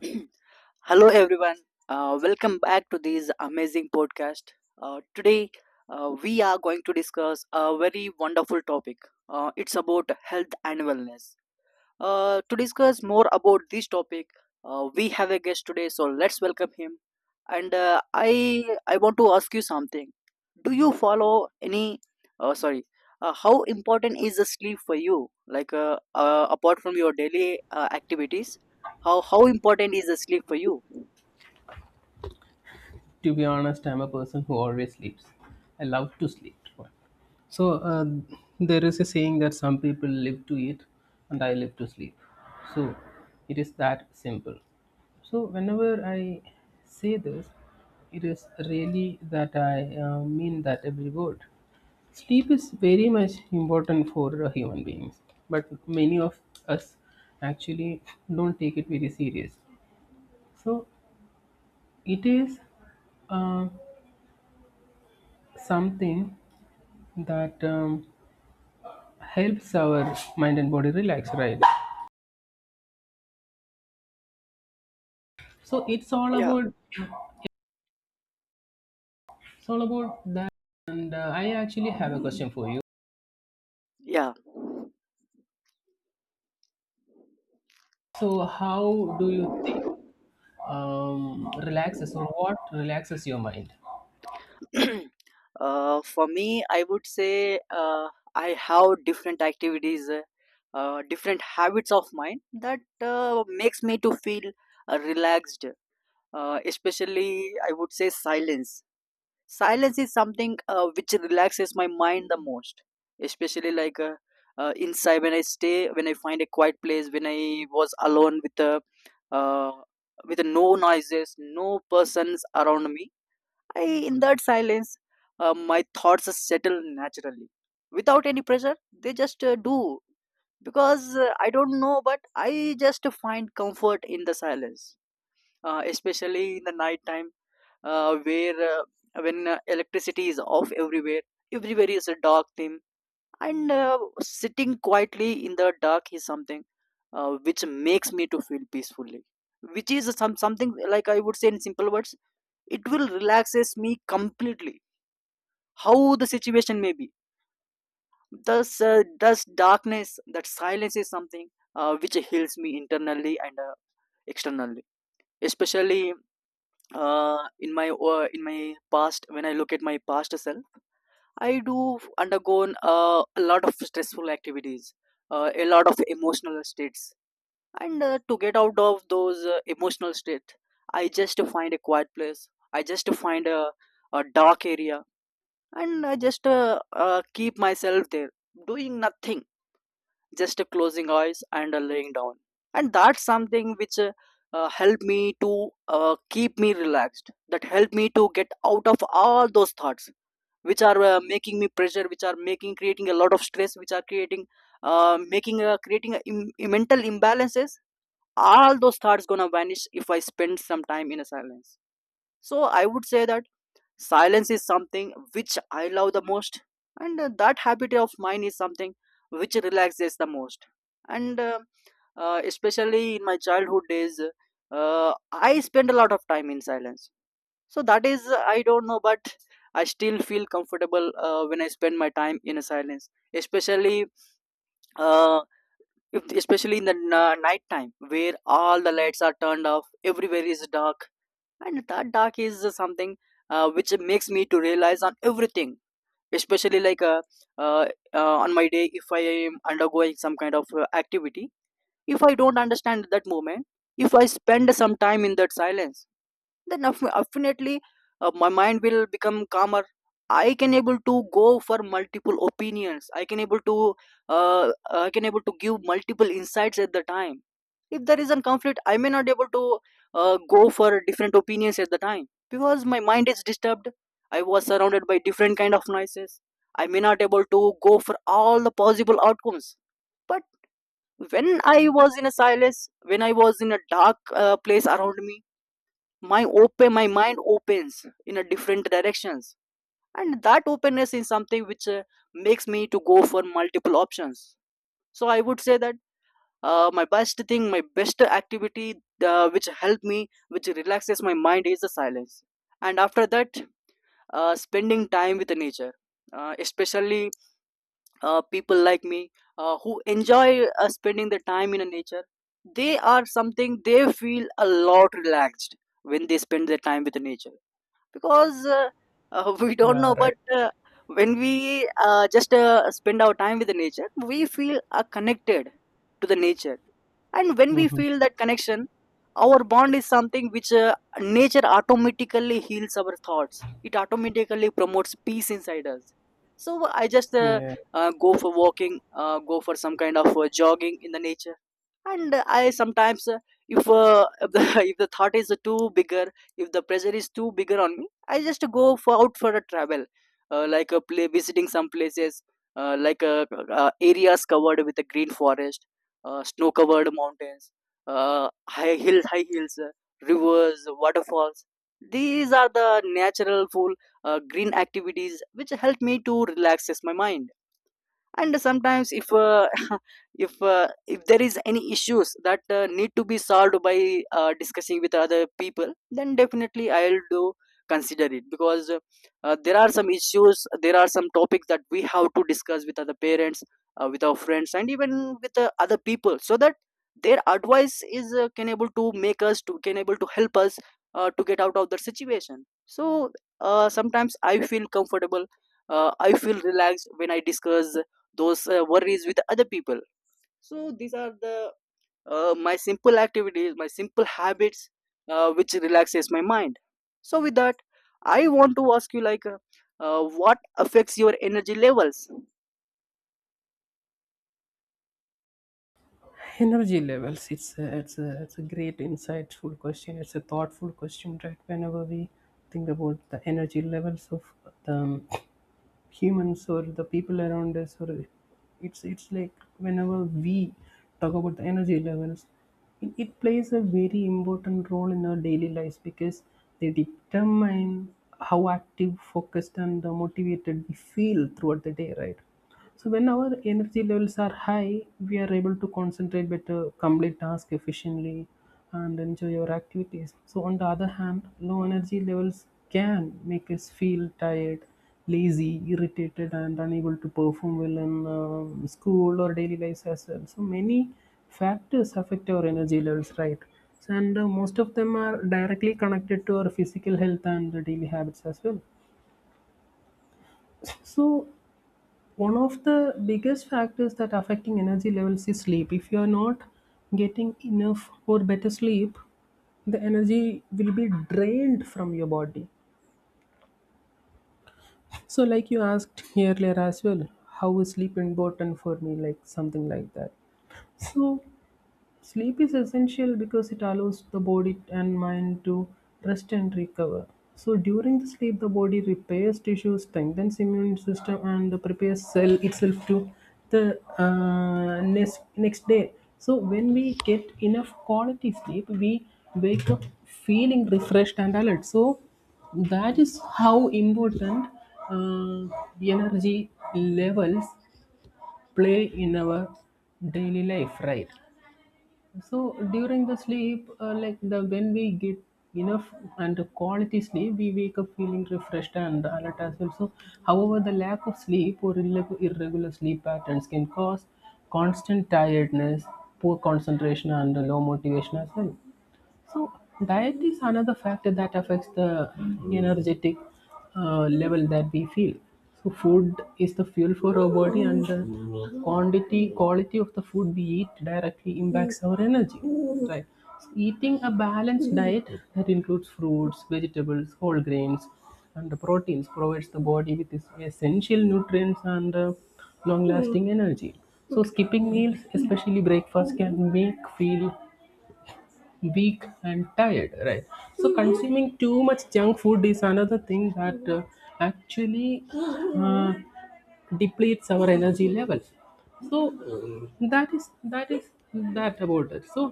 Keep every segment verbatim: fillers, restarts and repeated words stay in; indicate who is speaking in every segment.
Speaker 1: Hello, everyone. Uh, welcome back to this amazing podcast. Uh, today, uh, we are going to discuss a very wonderful topic. Uh, it's about health and wellness. Uh, to discuss more about this topic, uh, we have a guest today, so let's welcome him. And uh, I I want to ask you something. Do you follow any? Uh, sorry. Uh, how important is the sleep for you? Like uh, uh, apart from your daily uh, activities, how how important is the sleep for you?
Speaker 2: To be honest, I'm a person who always sleeps. I love to sleep. So uh, there is a saying that some people live to eat, and I live to sleep. So it is that simple. So whenever I say this, it is really that I uh, mean that every word. Sleep is very much important for uh, human beings, but many of us actually don't take it very serious. So it is uh, something that um, helps our mind and body relax, right? So it's all
Speaker 1: Yeah,
Speaker 2: about, it's all about that. And uh, I actually have a question for you.
Speaker 1: Yeah.
Speaker 2: So how do you think, um, relaxes, or what relaxes your mind?
Speaker 1: Uh, for me, I would say uh, I have different activities, uh, uh, different habits of mine that uh, makes me to feel uh, relaxed. Uh, especially, I would say silence. Silence is something uh, which relaxes my mind the most. Especially like uh, uh, inside when I stay, when I find a quiet place, when I was alone with a uh, with no noises, no persons around me I, In that silence, uh, my thoughts settle naturally without any pressure. They just uh, do, because uh, I don't know, but I just find comfort in the silence, uh, especially in the night time, uh, where uh, when uh, electricity is off everywhere, everywhere is a dark theme, and uh, sitting quietly in the dark is something uh, which makes me to feel peacefully. Which is some something like, I would say in simple words, it will relaxes me completely, how the situation may be. Thus uh, thus darkness, that silence is something uh, which heals me internally and uh, externally, especially uh, in my uh, in my past. When I look at my past self, I do undergo uh, a lot of stressful activities, uh, a lot of emotional states, and uh, to get out of those uh, emotional state, I just find a quiet place, I just find a, a dark area, and I just uh, uh, keep myself there, doing nothing, just uh, closing eyes and uh, laying down. And that's something which uh, uh, helped me to uh, keep me relaxed. That helped me to get out of all those thoughts which are uh, making me pressure, which are making creating a lot of stress, which are creating uh, making uh, creating a Im- mental imbalances. All those thoughts gonna vanish if I spend some time in a silence. So I would say that silence is something which I love the most, and uh, that habit of mine is something which relaxes the most. And uh, uh, especially in my childhood days, uh, I spend a lot of time in silence. So that is, uh, I don't know, but I still feel comfortable uh, when I spend my time in a silence, especially uh, if, especially in the n- uh, night time, where all the lights are turned off, everywhere is dark, and that dark is uh, something uh, which makes me to realize on everything. Especially like uh, uh, uh, on my day, if I am undergoing some kind of uh, activity, if I don't understand that moment, if I spend some time in that silence, then aff- definitely uh, my mind will become calmer. I can able to go for multiple opinions. I can able to uh, I can able to give multiple insights at the time. If there is a conflict, I may not able to uh, go for different opinions at the time, because my mind is disturbed. I was surrounded by different kind of noises. I may not able to go for all the possible outcomes. But when I was in a silence, when I was in a dark uh, place around me, my open my mind opens in a different directions, and that openness is something which uh, makes me to go for multiple options. So I would say that, uh, my best thing my best activity, uh, which help me, which relaxes my mind, is the silence. And after that, uh, spending time with the nature, uh, especially uh, people like me uh, who enjoy uh, spending the time in a nature, they are something, they feel a lot relaxed when they spend their time with the nature. Because uh, uh, we don't
Speaker 2: Yeah,
Speaker 1: know,
Speaker 2: right.
Speaker 1: but uh, when we uh, just uh, spend our time with the nature, we feel uh, connected to the nature. And when we
Speaker 2: Hmm.
Speaker 1: feel that connection, our bond is something which, uh, nature automatically heals our thoughts, it automatically promotes peace inside us. So I just uh,
Speaker 2: Yeah.
Speaker 1: uh, go for walking, uh, go for some kind of uh, jogging in the nature. And uh, I sometimes, uh, if uh, if the if the thought is too bigger, if the pressure is too bigger on me, I just go for, out for a travel, uh, like a play, visiting some places, uh, like uh, uh, areas covered with a green forest, uh, snow covered mountains, uh, high hills high hills, uh, rivers, waterfalls. These are the natural full uh, green activities which help me to relaxes my mind. And sometimes, if uh, if uh, if there is any issues that uh, need to be solved by uh, discussing with other people, then definitely I'll do consider it. Because uh, uh, there are some issues there are some topics that we have to discuss with other parents, uh, with our friends, and even with uh, other people, so that their advice is, uh, can able to make us to, can able to help us uh, to get out of the situation. So uh, sometimes I feel comfortable, uh, I feel relaxed when I discuss those uh, worries with other people. So these are the, uh, my simple activities, my simple habits, uh, which relaxes my mind. So with that, I want to ask you, like uh, uh, what affects your energy levels?
Speaker 2: Energy levels, it's a, it's a it's a great insightful question. It's a thoughtful question, right? Whenever we think about the energy levels of the humans or the people around us, or it's it's like whenever we talk about the energy levels, it, it plays a very important role in our daily lives because they determine how active, focused and uh, motivated we feel throughout the day, right? So when our energy levels are high, we are able to concentrate better, complete tasks efficiently, and enjoy our activities. So on the other hand, low energy levels can make us feel tired, lazy, irritated, and unable to perform well in um, school or daily life as well. So many factors affect our energy levels, right? So, and uh, most of them are directly connected to our physical health and the daily habits as well. So one of the biggest factors that affecting energy levels is sleep. If you are not getting enough or better sleep, the energy will be drained from your body. So like you asked earlier as well, how is sleep important for me, like something like that. So sleep is essential because it allows the body and mind to rest and recover. So during the sleep, the body repairs tissue, strengthens immune system, and prepares cell itself to the uh, next next day. So when we get enough quality sleep, we wake up feeling refreshed and alert. So that is how important uh, energy levels play in our daily life, right? So during the sleep uh, like the when we get enough and quality sleep, we wake up feeling refreshed and alert as well. So however, the lack of sleep or irreg- irregular sleep patterns can cause constant tiredness, poor concentration and low motivation as well. So diet is another factor that affects the energetic uh, level that we feel. So food is the fuel for our body, and the quantity quality of the food we eat directly impacts our energy. Right. So eating a balanced diet that includes fruits, vegetables, whole grains, and the proteins provides the body with its essential nutrients and uh, long lasting energy. So skipping meals, especially breakfast, can make feel weak and tired, right? So consuming too much junk food is another thing that uh, actually uh, depletes our energy level. So um, that is, that is that about it. So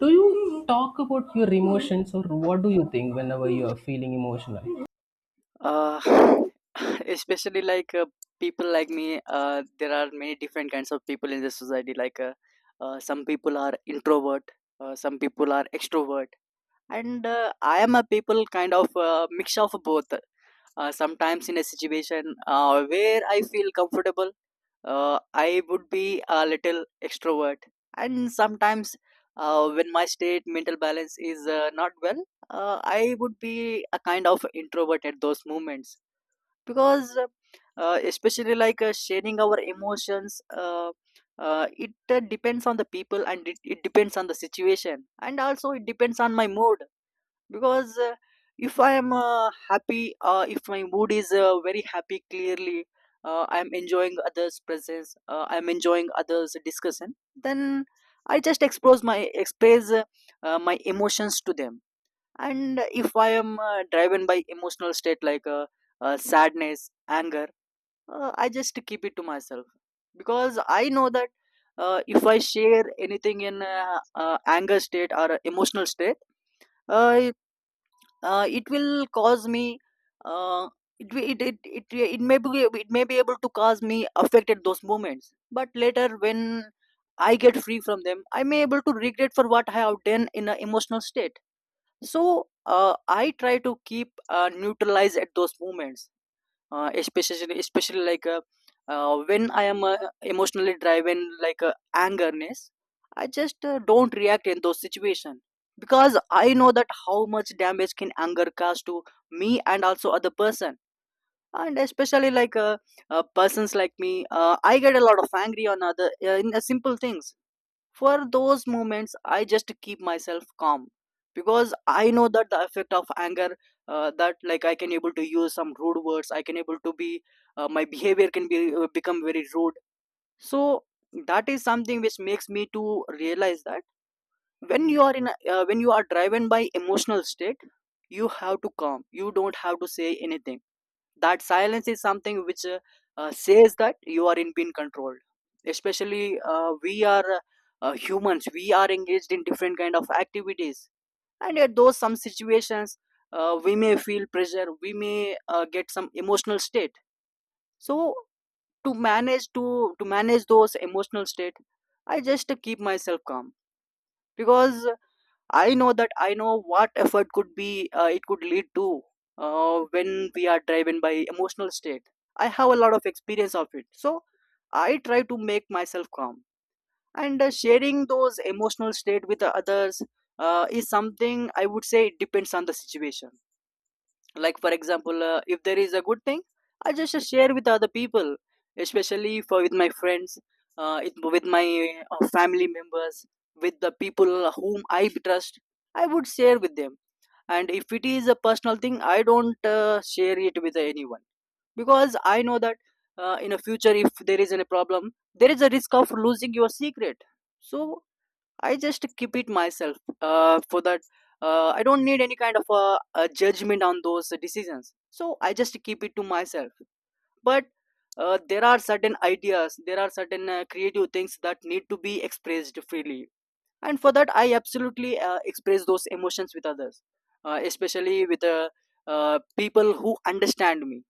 Speaker 2: do you talk about your emotions, or what do you think whenever you are feeling emotional?
Speaker 1: uh, Especially like uh, people like me, uh, there are many different kinds of people in the society, like uh, uh, some people are introvert, uh, some people are extrovert, and uh, I am a people kind of uh, mix of both. Uh, sometimes in a situation uh, where I feel comfortable, uh, I would be a little extrovert. And sometimes, uh, when my state mental balance is uh, not well, uh, I would be a kind of introvert at those moments. Because uh, especially, like uh, sharing our emotions, uh, uh, it uh, depends on the people, and it, it depends on the situation, and also it depends on my mood. Because uh, if I am uh, happy, uh, if my mood is uh, very happy clearly, uh, I'm enjoying others presence, uh, I'm enjoying others discussion, then I just expose my express uh, uh, my emotions to them. And if I am uh, driven by emotional state, like uh, uh, sadness, anger, uh, I just keep it to myself. Because I know that uh, if I share anything in uh, uh, anger state or emotional state, uh, uh, it, will cause me uh, it, wi- it, it, it, it may be it may be able to cause me affected those moments, but later when I get free from them, I may able to regret for what I have done in an emotional state. So uh, I try to keep uh, neutralized at those moments. uh, especially especially like uh, uh, when I am uh, emotionally driven like uh, angerness, I just uh, don't react in those situations. Because I know that how much damage can anger cause to me and also other person. And especially, like uh, uh, persons like me, uh, I get a lot of angry on other uh, in uh, simple things. For those moments, I just keep myself calm, because I know that the effect of anger, uh, that, like, I can able to use some rude words. I can able to be uh, My behavior can be, uh, become very rude. So that is something which makes me to realize that when you are in a, uh, when you are driven by emotional state, you have to calm. You don't have to say anything, that silence is something which uh, uh, says that you are in being controlled. Especially, uh, we are uh, uh, humans, we are engaged in different kind of activities, and at those some situations, uh, we may feel pressure, we may uh, get some emotional state. So to manage to to manage those emotional state, I just keep myself calm. Because I know that I know what effort could be, uh, it could lead to, uh, when we are driven by emotional state. I have a lot of experience of it, so I try to make myself calm. And uh, sharing those emotional state with others, uh, is something I would say it depends on the situation. Like for example, uh, if there is a good thing, I just uh, share with other people, especially for with my friends, uh, it, with my uh, family members, with the people whom I trust, I would share with them. And if it is a personal thing, I don't uh, share it with anyone, because I know that uh, in a future, if there is any problem, there is a risk of losing your secret. So I just keep it myself. Uh, for that, uh, I don't need any kind of uh, a judgment on those decisions. So I just keep it to myself. But uh, there are certain ideas, there are certain uh, creative things that need to be expressed freely, and for that, I absolutely uh, express those emotions with others, uh, especially with uh, uh, people who understand me.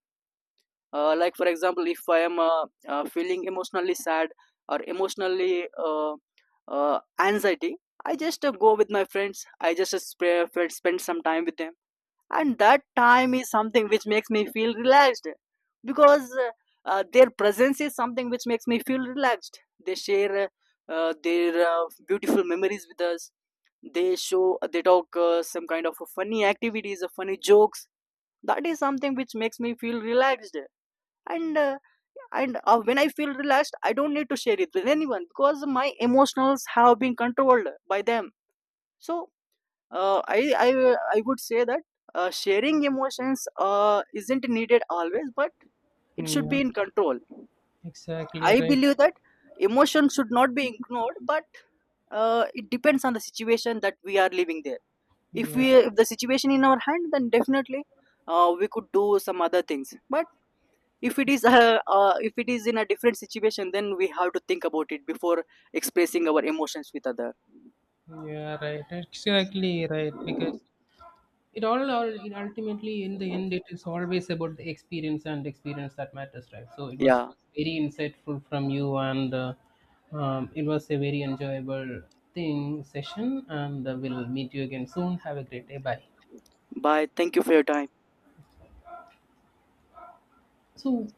Speaker 1: uh, Like for example, if I am uh, uh, feeling emotionally sad or emotionally uh, uh, anxiety, I just uh, go with my friends, I just uh, spray, spend some time with them. And that time is something which makes me feel relaxed. Because uh, uh, their presence is something which makes me feel relaxed, they share uh, uh, their uh, beautiful memories with us, they show uh, they talk uh, some kind of funny activities, uh, funny jokes. That is something which makes me feel relaxed. And uh, and uh, when I feel relaxed, I don't need to share it with anyone, because my emotions have been controlled by them. So uh, i i i would say that uh, sharing emotions uh, isn't needed always, but it should
Speaker 2: Yeah,
Speaker 1: be in control.
Speaker 2: exactly
Speaker 1: I
Speaker 2: right.
Speaker 1: believe that emotion should not be ignored, but uh, it depends on the situation that we are living there. if
Speaker 2: Yeah,
Speaker 1: we if the situation in our hand, then definitely, uh, we could do some other things. But if it is uh, uh, if it is in a different situation, then we have to think about it before expressing our emotions with other.
Speaker 2: yeah, right. Exactly right. Because it all, all it ultimately, in the end, it is always about the experience, and experience that matters, right? So it was
Speaker 1: Yeah.
Speaker 2: very insightful from you, and uh, um, it was a very enjoyable thing session. And uh, we'll meet you again soon. Have a great day. Bye.
Speaker 1: Bye. Thank you for your time.
Speaker 2: So